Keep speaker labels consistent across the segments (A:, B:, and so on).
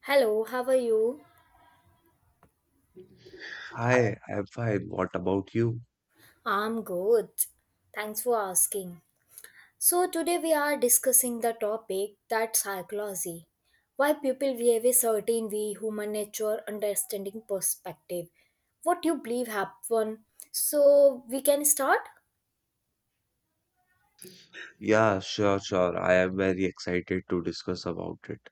A: Hello, how are you?
B: Hi, I'm fine. What about you?
A: I'm good. Thanks for asking. So, today we are discussing the topic that psychology. Why people behave a certain way, human nature, understanding perspective. What you believe happen. So, we can start?
B: Yeah, sure, sure. I am very excited to discuss about it.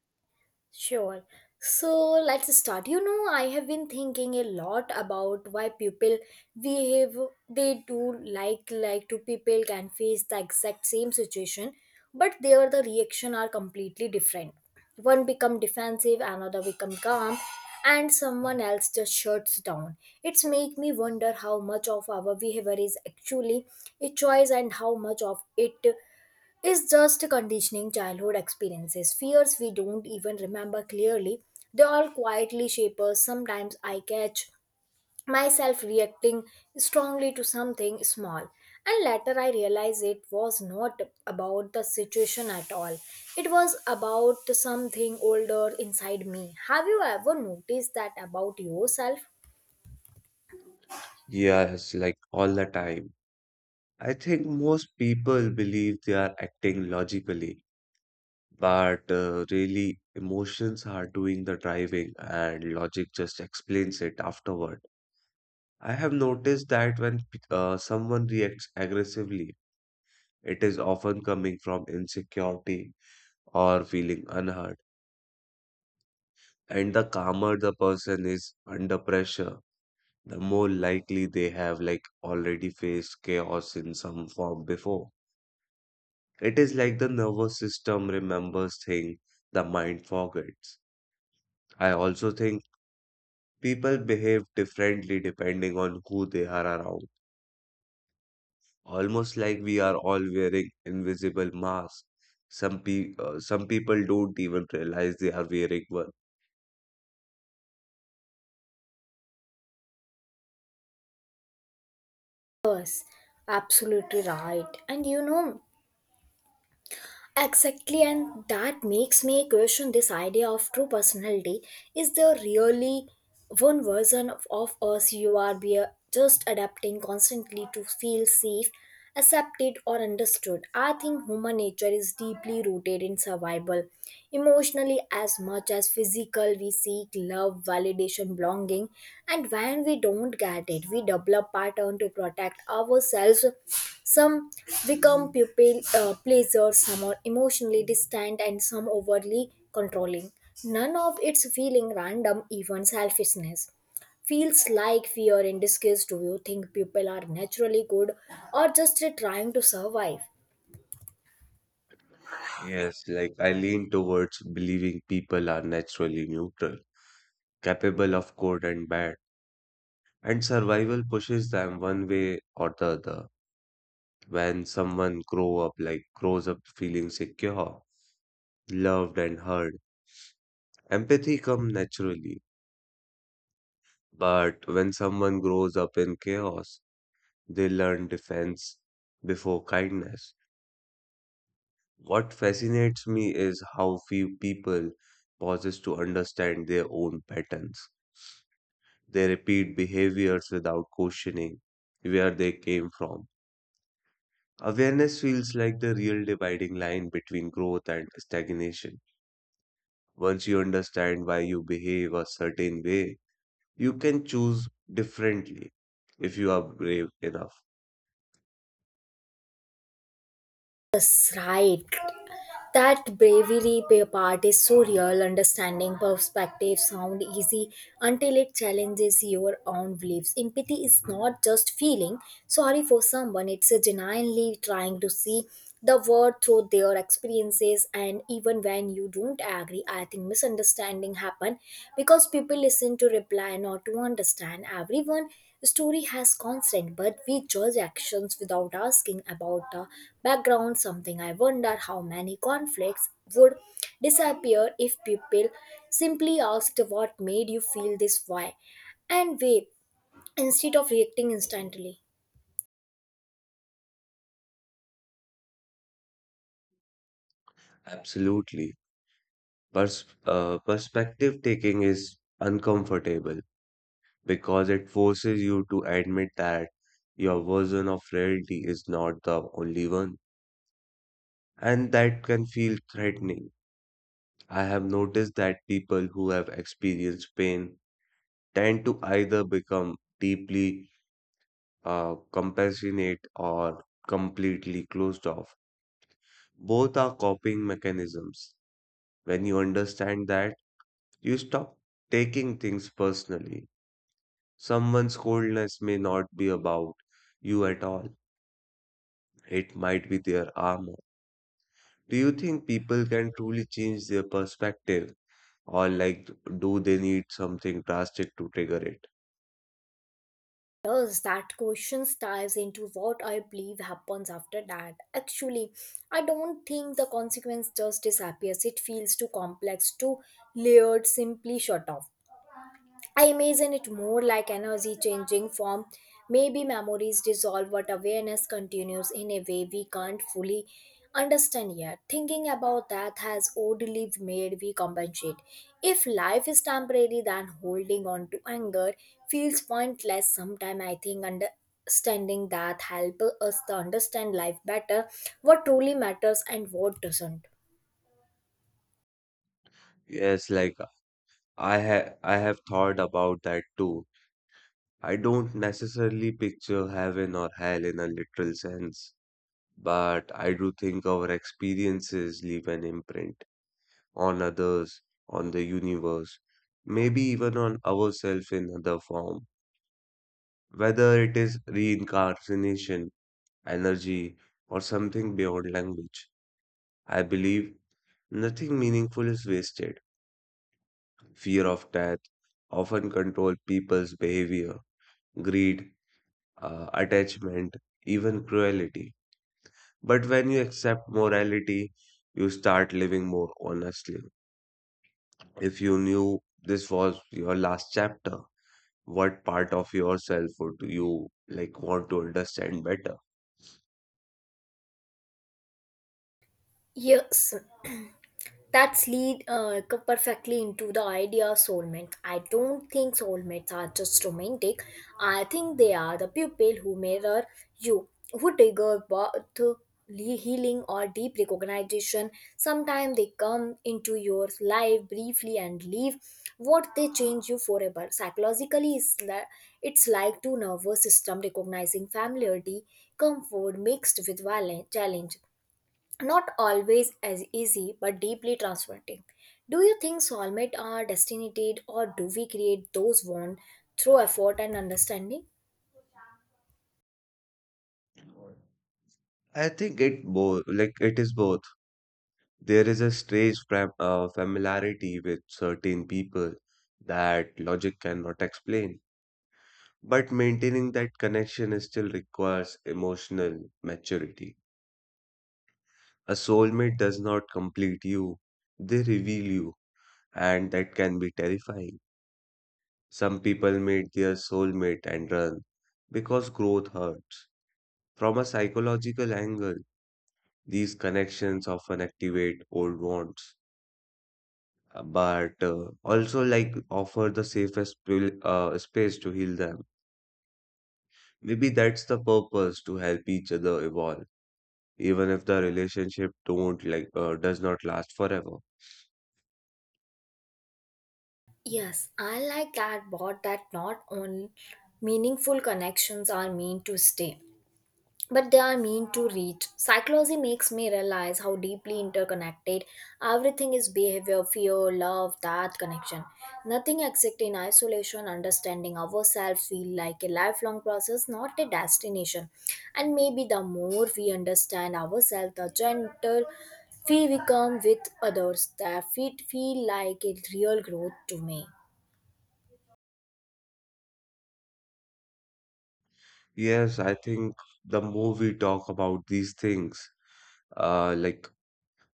A: Sure. So let's start. I have been thinking a lot about why people behave they do like two people can face the exact same situation, but the reaction are completely different. One become defensive, another become calm, and someone else just shuts down. It's make me wonder how much of our behavior is actually a choice and how much of it is just conditioning childhood experiences, fears we don't even remember clearly. They all quietly shape us. Sometimes I catch myself reacting strongly to something small, and later I realize it was not about the situation at all. It was about something older inside me. Have you ever noticed that about yourself?
B: Yes, like all the time. I think most people believe they are acting logically, but really emotions are doing the driving and logic just explains it afterward. I have noticed that when someone reacts aggressively, it is often coming from insecurity or feeling unheard. And the calmer the person is under pressure, the more likely they have like already faced chaos in some form before. It is like the nervous system remembers things the mind forgets. I also think people behave differently depending on who they are around. Almost like we are all wearing invisible masks. Some people don't even realize they are wearing one.
A: Yes, absolutely right. Exactly, and that makes me question this idea of true personality. Is there really one version of us you are be just adapting constantly to feel safe, accepted, or understood? I think human nature is deeply rooted in survival. Emotionally, as much as physical, we seek love, validation, belonging, and when we don't get it, we develop pattern to protect ourselves. Some become pupil pleasers, some are emotionally distant, and some overly controlling. None of it's feeling random, even selfishness. Feels like fear in disguise. Do you think people are naturally good or just trying to survive?
B: Yes, like I lean towards believing people are naturally neutral, capable of good and bad, and survival pushes them one way or the other. When someone grows up feeling secure, loved and heard, empathy come naturally. But when someone grows up in chaos, they learn defense before kindness. What fascinates me is how few people pauses to understand their own patterns. They repeat behaviors without questioning where they came from. Awareness feels like the real dividing line between growth and stagnation. Once you understand why you behave a certain way, you can choose differently if you are brave enough.
A: It's right. That bravery part is so real. Understanding perspective sound easy until it challenges your own beliefs. Empathy is not just feeling sorry for someone; it's a genuinely trying to see the world through their experiences. And even when you don't agree, I think misunderstanding happen because people listen to reply, not to understand. Everyone the story has constant, but we judge actions without asking about the background. Something I wonder how many conflicts would disappear if people simply asked what made you feel this way and way instead of reacting instantly.
B: Absolutely. Perspective taking is uncomfortable because it forces you to admit that your version of reality is not the only one, and that can feel threatening. I have noticed that people who have experienced pain tend to either become deeply compassionate or completely closed off. Both are coping mechanisms. When you understand that, you stop taking things personally. Someone's coldness may not be about you at all, it might be their armor. Do you think people can truly change their perspective, or like, do they need something drastic to trigger it?
A: Yes, that question ties into what I believe happens after that. Actually, I don't think the consequence just disappears. It feels too complex, too layered, simply shut off. I imagine it more like energy changing form. Maybe memories dissolve, but awareness continues in a way we can't fully understand yet. Thinking about that has oddly made me compensate. If life is temporary, then holding on to anger feels pointless. Sometimes I think understanding that helps us to understand life better, what truly matters and what doesn't.
B: Yes, like I have thought about that too. I don't necessarily picture heaven or hell in a literal sense, but I do think our experiences leave an imprint on others, on the universe, maybe even on ourselves in other form, whether it is reincarnation, energy, or something beyond language. I believe nothing meaningful is wasted. Fear of death often control people's behavior, greed, attachment, even cruelty. But when you accept morality, you start living more honestly. If you knew this was your last chapter, what part of yourself would you like want to understand better?
A: Yes, that's lead perfectly into the idea of soulmates. I don't think soulmates are just romantic. I think they are the people who mirror you, who trigger both healing or deep recognition. Sometimes they come into your life briefly and leave what they change you forever. Psychologically, it's like two nervous system recognizing familiarity, comfort mixed with violent challenge, not always as easy but deeply transformative. Do you think soulmates are destined or do we create those one through effort and understanding?
B: I think it both like it is both. There is a strange familiarity with certain people that logic cannot explain, but maintaining that connection is still requires emotional maturity. A soulmate does not complete you, they reveal you. And that can be terrifying. Some people meet their soulmate and run because growth hurts. From a psychological angle, these connections often activate old wounds, but also like offer the safest space to heal them. Maybe that's the purpose to help each other evolve, even if the relationship don't like does not last forever.
A: Yes, I like that. But that not only meaningful connections are meant to stay, but they are mean to reach. Psychology makes me realize how deeply interconnected everything is behavior, fear, love, that connection. Nothing exists in isolation. Understanding ourselves feel like a lifelong process, not a destination. And maybe the more we understand ourselves, the gentle we become with others. That it feel like a real growth to me.
B: Yes, I think the more we talk about these things, like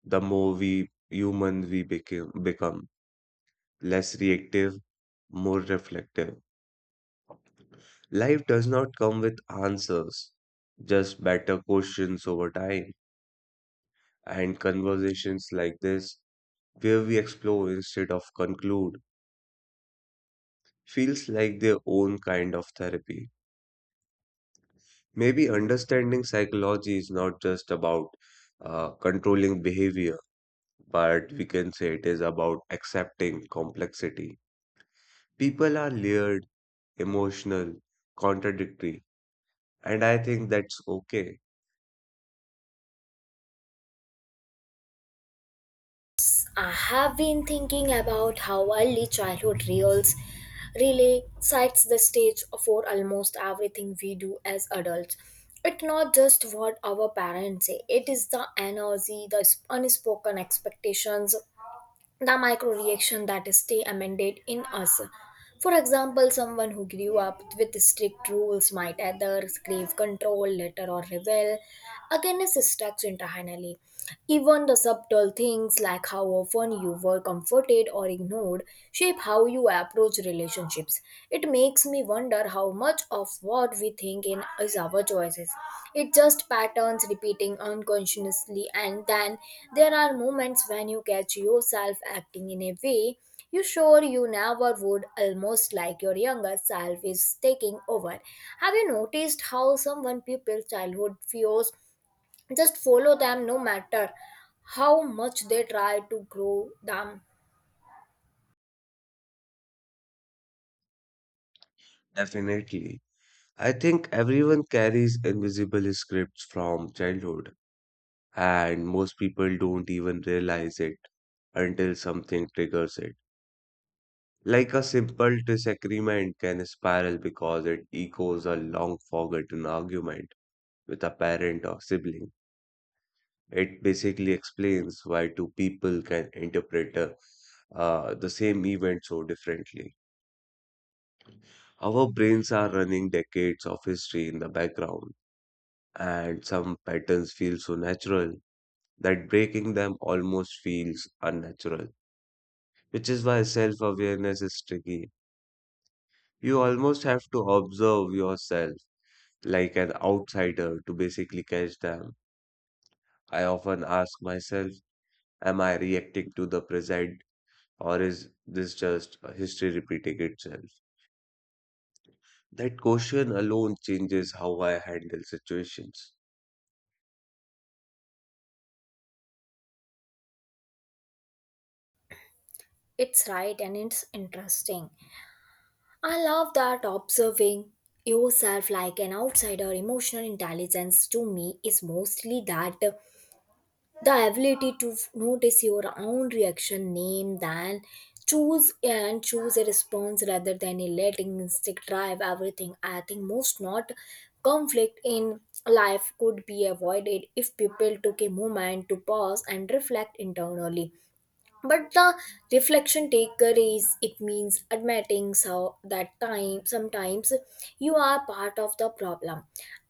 B: the more we human we become less reactive, more reflective. Life does not come with answers, just better questions over time. And conversations like this, where we explore instead of conclude, feels like their own kind of therapy. Maybe understanding psychology is not just about controlling behavior, but we can say it is about accepting complexity. People are layered emotional, contradictory. And I think that's okay.
A: I have been thinking about how early childhood reels really sets the stage for almost everything we do as adults. It's not just what our parents say, it is the energy, the unspoken expectations, the micro reaction that stay amended in us. For example, someone who grew up with strict rules might either crave control, later or rebel against structure internally. Even the subtle things like how often you were comforted or ignored shape how you approach relationships. It makes me wonder how much of what we think in is our choices. It's just patterns repeating unconsciously, and then there are moments when you catch yourself acting in a way you sure you never would, almost like your younger self is taking over. Have you noticed how someone people's childhood fears just follow them no matter how much they try to grow them?
B: Definitely. I think everyone carries invisible scripts from childhood, and most people don't even realize it until something triggers it. Like a simple disagreement can spiral because it echoes a long forgotten argument with a parent or sibling. It basically explains why two people can interpret the same event so differently. Our brains are running decades of history in the background, and some patterns feel so natural that breaking them almost feels unnatural, which is why self awareness is tricky. You almost have to observe yourself like an outsider to basically catch them. I often ask myself, am I reacting to the present or is this just a history repeating itself? That question alone changes how I handle situations.
A: It's right, and it's interesting. I love that, observing yourself like an outsider. Emotional intelligence to me is mostly that, the ability to notice your own reaction name, then choose a response rather than a letting instinct drive everything. I think most not conflict in life could be avoided if people took a moment to pause and reflect internally. But the reflection taker is it means admitting so that time sometimes you are part of the problem,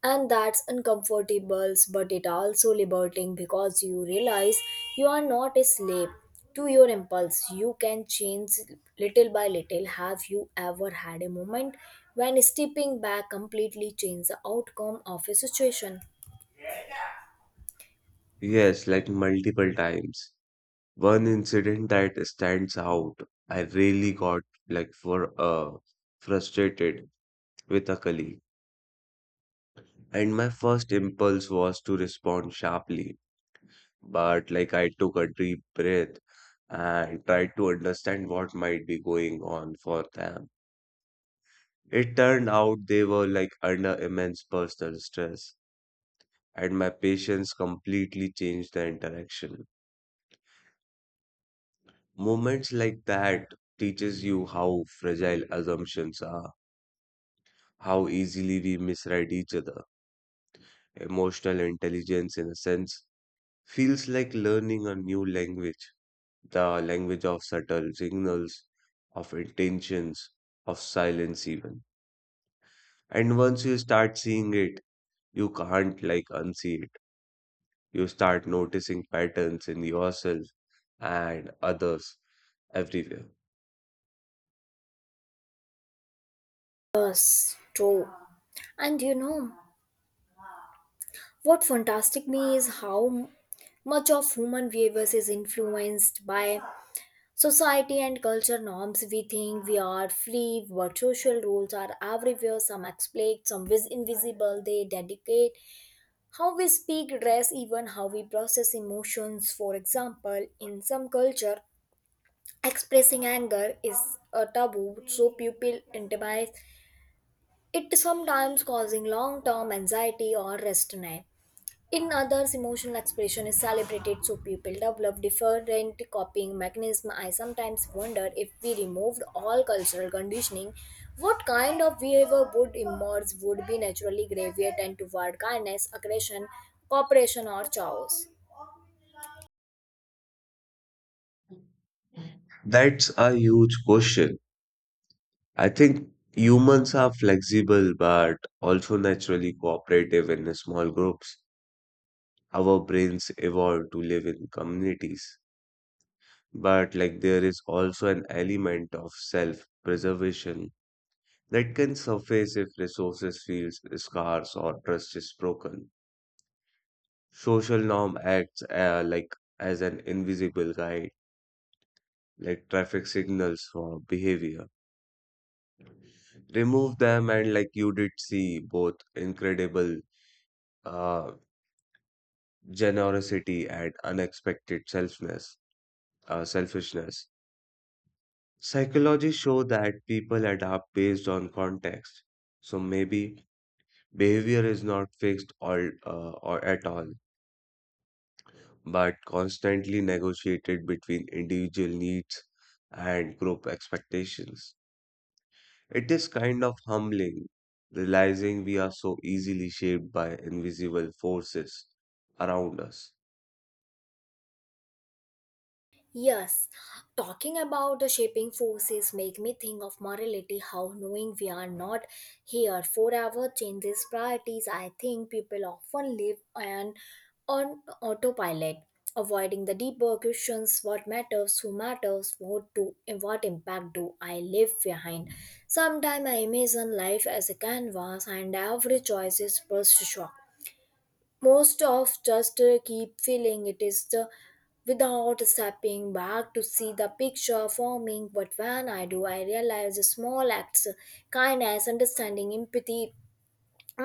A: and that's uncomfortable but it also liberating because you realize you are not a slave to your impulse. You can change little by little. Have you ever had a moment when stepping back completely changed the outcome of a situation?
B: Yes, like multiple times. One incident that stands out, I really got like for frustrated with a colleague, and my first impulse was to respond sharply, but like I took a deep breath and tried to understand what might be going on for them. It turned out they were like under immense personal stress, and my patience completely changed the interaction. Moments like that teaches you how fragile assumptions are, how easily we misread each other. Emotional intelligence, in a sense, feels like learning a new language, the language of subtle signals, of intentions, of silence even. And once you start seeing it, you can't like unsee it. You start noticing patterns in yourself and others everywhere.
A: Yes, true. And what fantastic me is how much of human behaviors is influenced by society and culture norms. We think we are free, but social rules are everywhere. Some explicit, some invisible. They dedicate how we speak, dress, even how we process emotions. For example, in some culture, expressing anger is a taboo, so people internalize it sometimes causing long-term anxiety or restraint. In others, emotional expression is celebrated so people develop different copying mechanisms. I sometimes wonder if we removed all cultural conditioning, what kind of behavior would emerge, would be naturally gravitated toward kindness, aggression, cooperation, or chaos.
B: That's a huge question. I think humans are flexible but also naturally cooperative in small groups. Our brains evolved to live in communities. But like there is also an element of self-preservation that can surface if resources feels scarce or trust is broken. Social norm acts like as an invisible guide, like traffic signals for behavior. Remove them and like you did see both incredible uh, generosity and unexpected selfishness. Psychology show that people adapt based on context. So maybe behavior is not fixed all or at all, but constantly negotiated between individual needs and group expectations. It is kind of humbling realizing we are so easily shaped by invisible forces around us.
A: Yes, talking about the shaping forces make me think of morality, how knowing we are not here forever changes priorities. I think people often live on autopilot, avoiding the deeper questions, what matters, who matters, what do and what impact do I leave behind. Sometimes I imagine life as a canvas and every choice is brushstroke. Most of just keep feeling it is the without stepping back to see the picture forming. But when I do, I realize the small acts kindness understanding empathy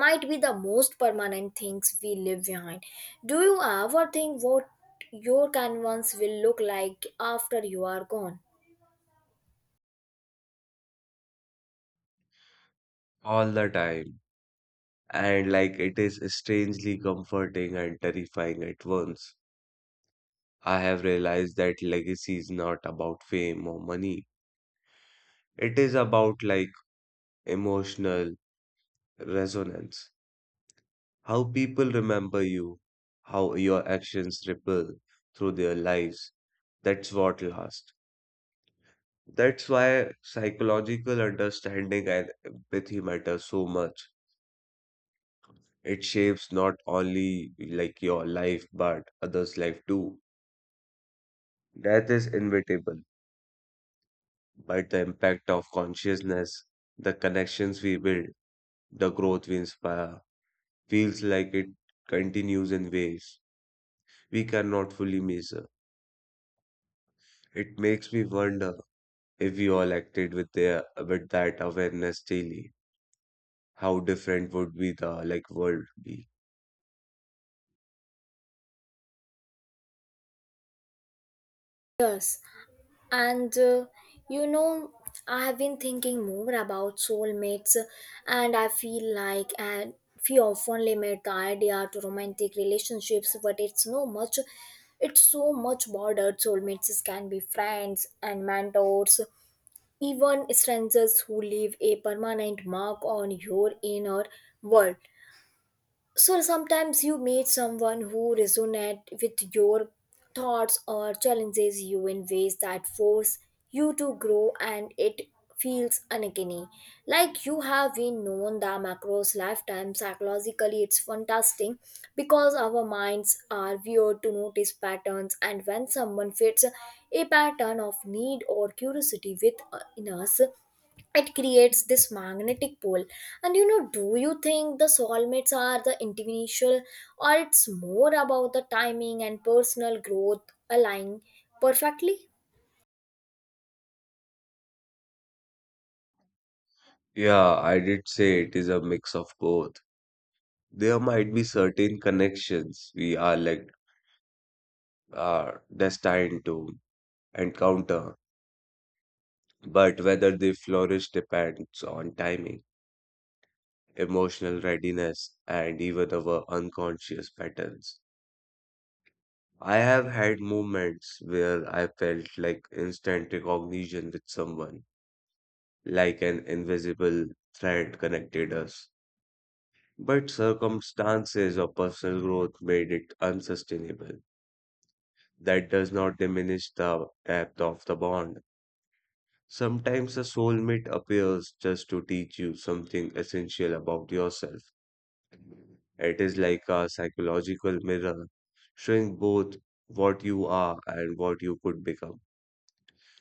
A: might be the most permanent things we leave behind. Do you ever think what your canvas will look like after you are gone?
B: All the time, and like it is strangely comforting and terrifying at once. I have realized that legacy is not about fame or money. It is about like emotional resonance. How people remember you, how your actions ripple through their lives. That's what lasts. That's why psychological understanding and empathy matter so much. It shapes not only like your life, but others' life too. Death is inevitable but the impact of consciousness, the connections we build, the growth we inspire, feels like it continues in waves we cannot fully measure. It makes me wonder if we all acted with their with that awareness daily, how different would be the like world be?
A: Yes. And you know, I have been thinking more about soulmates, and I feel like and we often limit the idea to romantic relationships, but it's no much. It's so much broader. Soulmates can be friends and mentors, even strangers who leave a permanent mark on your inner world. So sometimes you meet someone who resonate with your thoughts or challenges you in ways that force you to grow, and it feels uncanny like you have been known the macros lifetime. Psychologically, it's fantastic because our minds are weird to notice patterns, and when someone fits a pattern of need or curiosity with in us, it creates this magnetic pole. And do you think the soulmates are the individual or it's more about the timing and personal growth aligning perfectly?
B: Yeah, I did say it is a mix of both. There might be certain connections we are destined to encounter, but whether they flourish depends on timing emotional readiness, and even our unconscious patterns. I have had moments where I felt like instant recognition with someone, like an invisible thread connected us. But circumstances or personal growth made it unsustainable. That does not diminish the depth of the bond. Sometimes a soulmate appears just to teach you something essential about yourself. It is like a psychological mirror, showing both what you are and what you could become.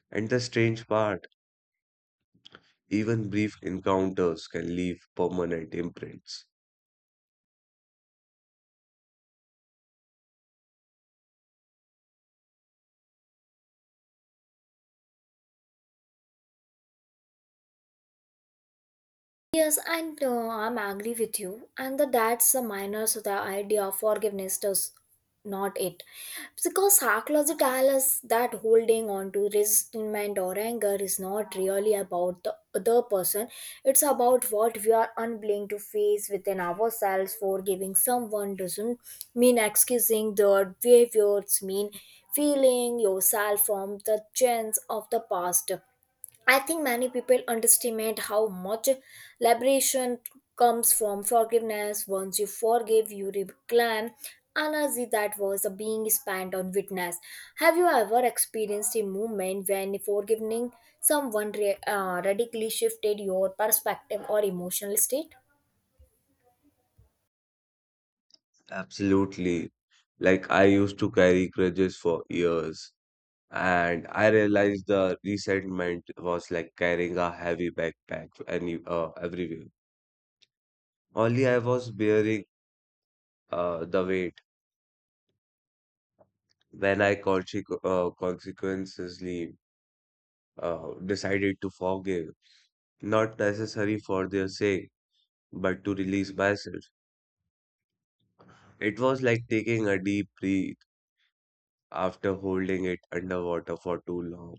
B: And the strange part, even brief encounters can leave permanent imprints.
A: Yes, and I'm agree with you. And the, that's the minor, so the idea of forgiveness does not it. Because psychology tells us that holding on to resentment or anger is not really about the other person. It's about what we are unwilling to face within ourselves. Forgiving someone doesn't mean excusing their behaviors, mean feeling yourself from the chance of the past. I think many people underestimate how much liberation comes from forgiveness. Once you forgive, you reclaim energy that was being spent on witness. Have you ever experienced a moment when forgiving someone radically shifted your perspective or emotional state?
B: Absolutely. Like I used to carry grudges for years, and I realized the resentment was like carrying a heavy backpack any everywhere. Only I was bearing the weight when I consequently decided to forgive, not necessary for their sake, but to release myself. It was like taking a deep breath after holding it underwater for too long.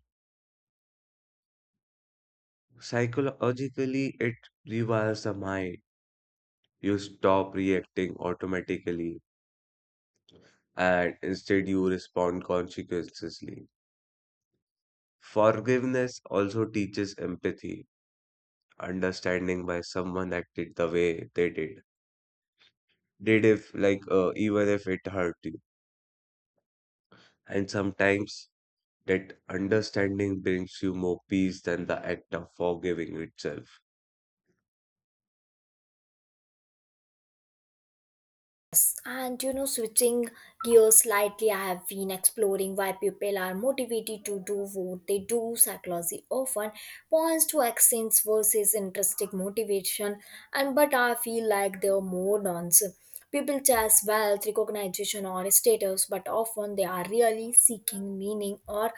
B: Psychologically, it rewires the mind. You stop reacting automatically and instead you respond conscientiously. Forgiveness also teaches empathy, understanding why someone acted the way they did. Did if like even if it hurt you and sometimes. That understanding brings you more peace than the act of forgiving itself.
A: Switching gears slightly, I have been exploring why people are motivated to do what they do. Psychology often points to actions versus intrinsic motivation, and but I feel like there are more nonsense. People chase wealth, recognition, or status, but often they are really seeking meaning or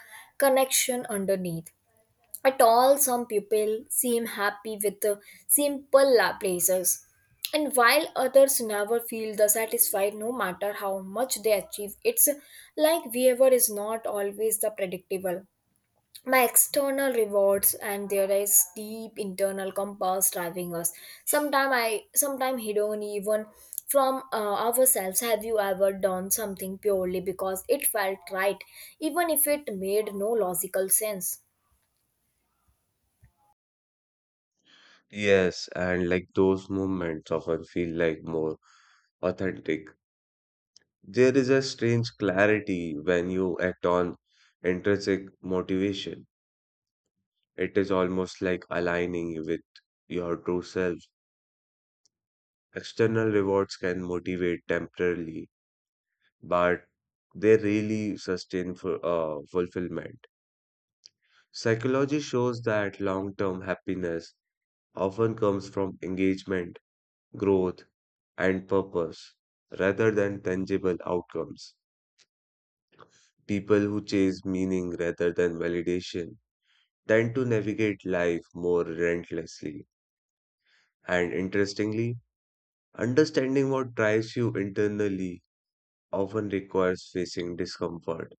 A: connection underneath at all. Some people seem happy with the simple places, and while others never feel the satisfied no matter how much they achieve. It's like whatever is not always the predictable by external rewards, and there is deep internal compass driving us sometime i sometime, hidden even from ourselves. Have you ever done something purely because it felt right even if it made no logical sense?
B: Yes, and like those moments often feel like more authentic. There is a strange clarity when you act on intrinsic motivation. It is almost like aligning with your true self. External rewards can motivate temporarily, but they really sustain for fulfillment. Psychology shows that long term happiness often comes from engagement, growth, and purpose rather than tangible outcomes. People who chase meaning rather than validation tend to navigate life more relentlessly. And interestingly, understanding what drives you internally often requires facing discomfort,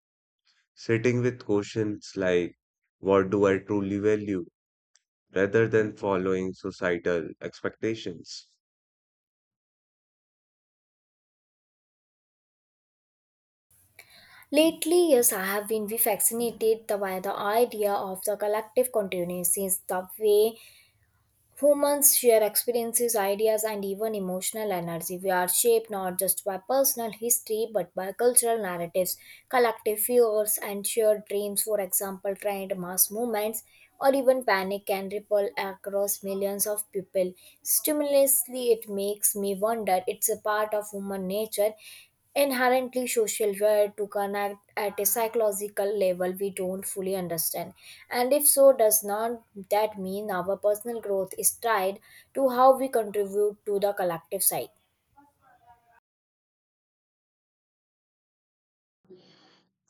B: sitting with questions like, what do I truly value, rather than following societal expectations.
A: Lately, yes, I have been revaccinated by the idea of the collective continuances, the way humans share experiences, ideas, and even emotional energy. We are shaped not just by personal history but by cultural narratives, collective fears, and shared dreams. For example, trend mass movements or even panic can ripple across millions of people. Stimulously, it makes me wonder it's a part of human nature inherently social where to connect at a psychological level we don't fully understand, and if so does not that mean our personal growth is tied to how we contribute to the collective side?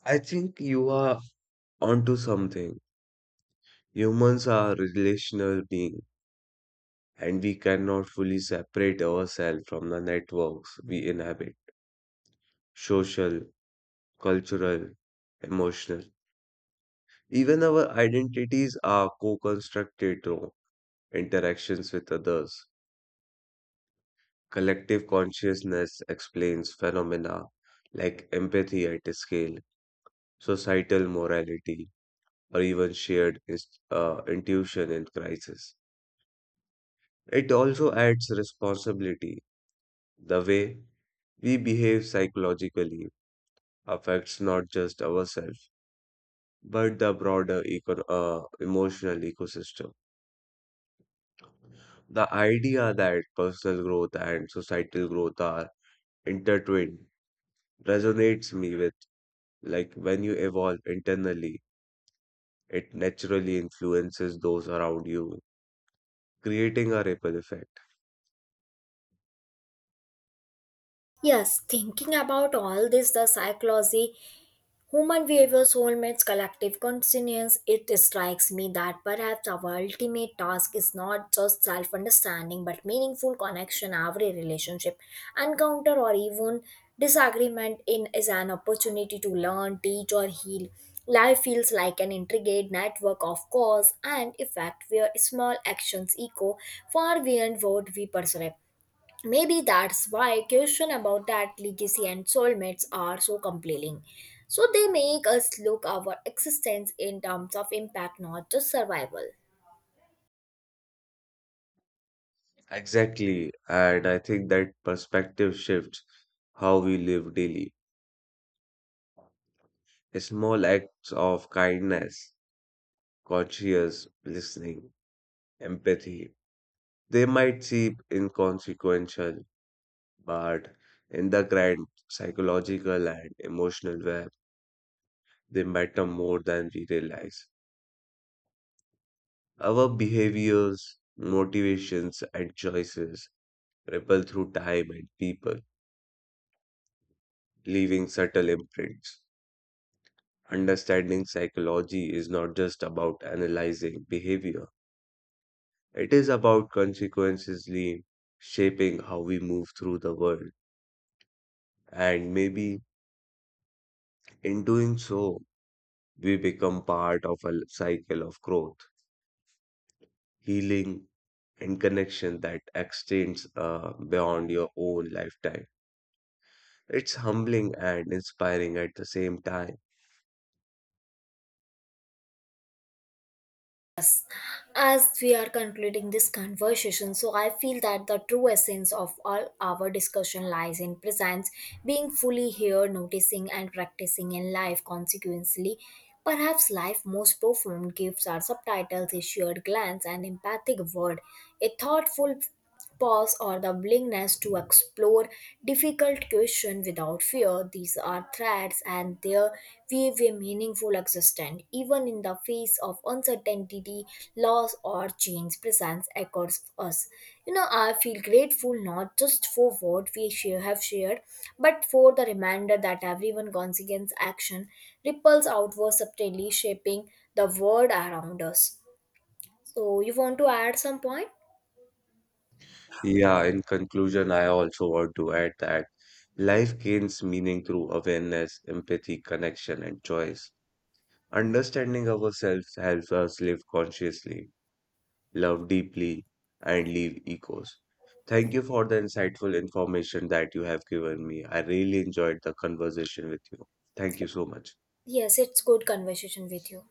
B: I think you are onto something. Humans are relational beings and we cannot fully separate ourselves from the networks we inhabit, social, cultural, emotional. Even our identities are co constructed through interactions with others. Collective consciousness explains phenomena like empathy at scale, societal morality, or even shared intuition in crisis. It also adds responsibility. The way we behave psychologically affects not just ourselves, but the broader emotional ecosystem. The idea that personal growth and societal growth are intertwined resonates me with like when you evolve internally, it naturally influences those around you, creating a ripple effect.
A: Yes, thinking about all this, the psychology, human behavior, soulmates, collective consciousness, it strikes me that perhaps our ultimate task is not just self understanding but meaningful connection. Every relationship, encounter, or even disagreement in is an opportunity to learn, teach, or heal. Life feels like an intricate network of cause and effect where small actions echo far beyond what we perceive. Maybe that's why question about that legacy and soulmates are so compelling. So they make us look our existence in terms of impact, not just survival.
B: Exactly, and I think that perspective shifts how we live daily. Small acts of kindness conscious listening, empathy. They might seem inconsequential, but in the grand psychological and emotional web, they matter more than we realize. Our behaviors, motivations, and choices ripple through time and people, leaving subtle imprints. Understanding psychology is not just about analyzing behavior, it is about consequently shaping how we move through the world. And maybe in doing so, we become part of a cycle of growth, healing, and connection that extends beyond your own lifetime. It's humbling and inspiring at the same time.
A: As we are concluding this conversation, so I feel that the true essence of all our discussion lies in presence, being fully here, noticing and practicing in life consequently. Perhaps life's most profound gifts are subtitles, a shared glance, an empathic word, a thoughtful pause or the willingness to explore difficult questions without fear. These are threats and their weave a meaningful existence. Even in the face of uncertainty, loss or change presents across us. I feel grateful not just for what we share, have shared, but for the reminder that everyone consequence action ripples outward subtly shaping the world around us. So you want to add some point?
B: Yeah, in conclusion, I also want to add that life gains meaning through awareness, empathy, connection, and choice. Understanding ourselves helps us live consciously, love deeply, and leave echoes. Thank you for the insightful information that you have given me. I really enjoyed the conversation with you. Thank you so much.
A: Yes, it's good conversation with you.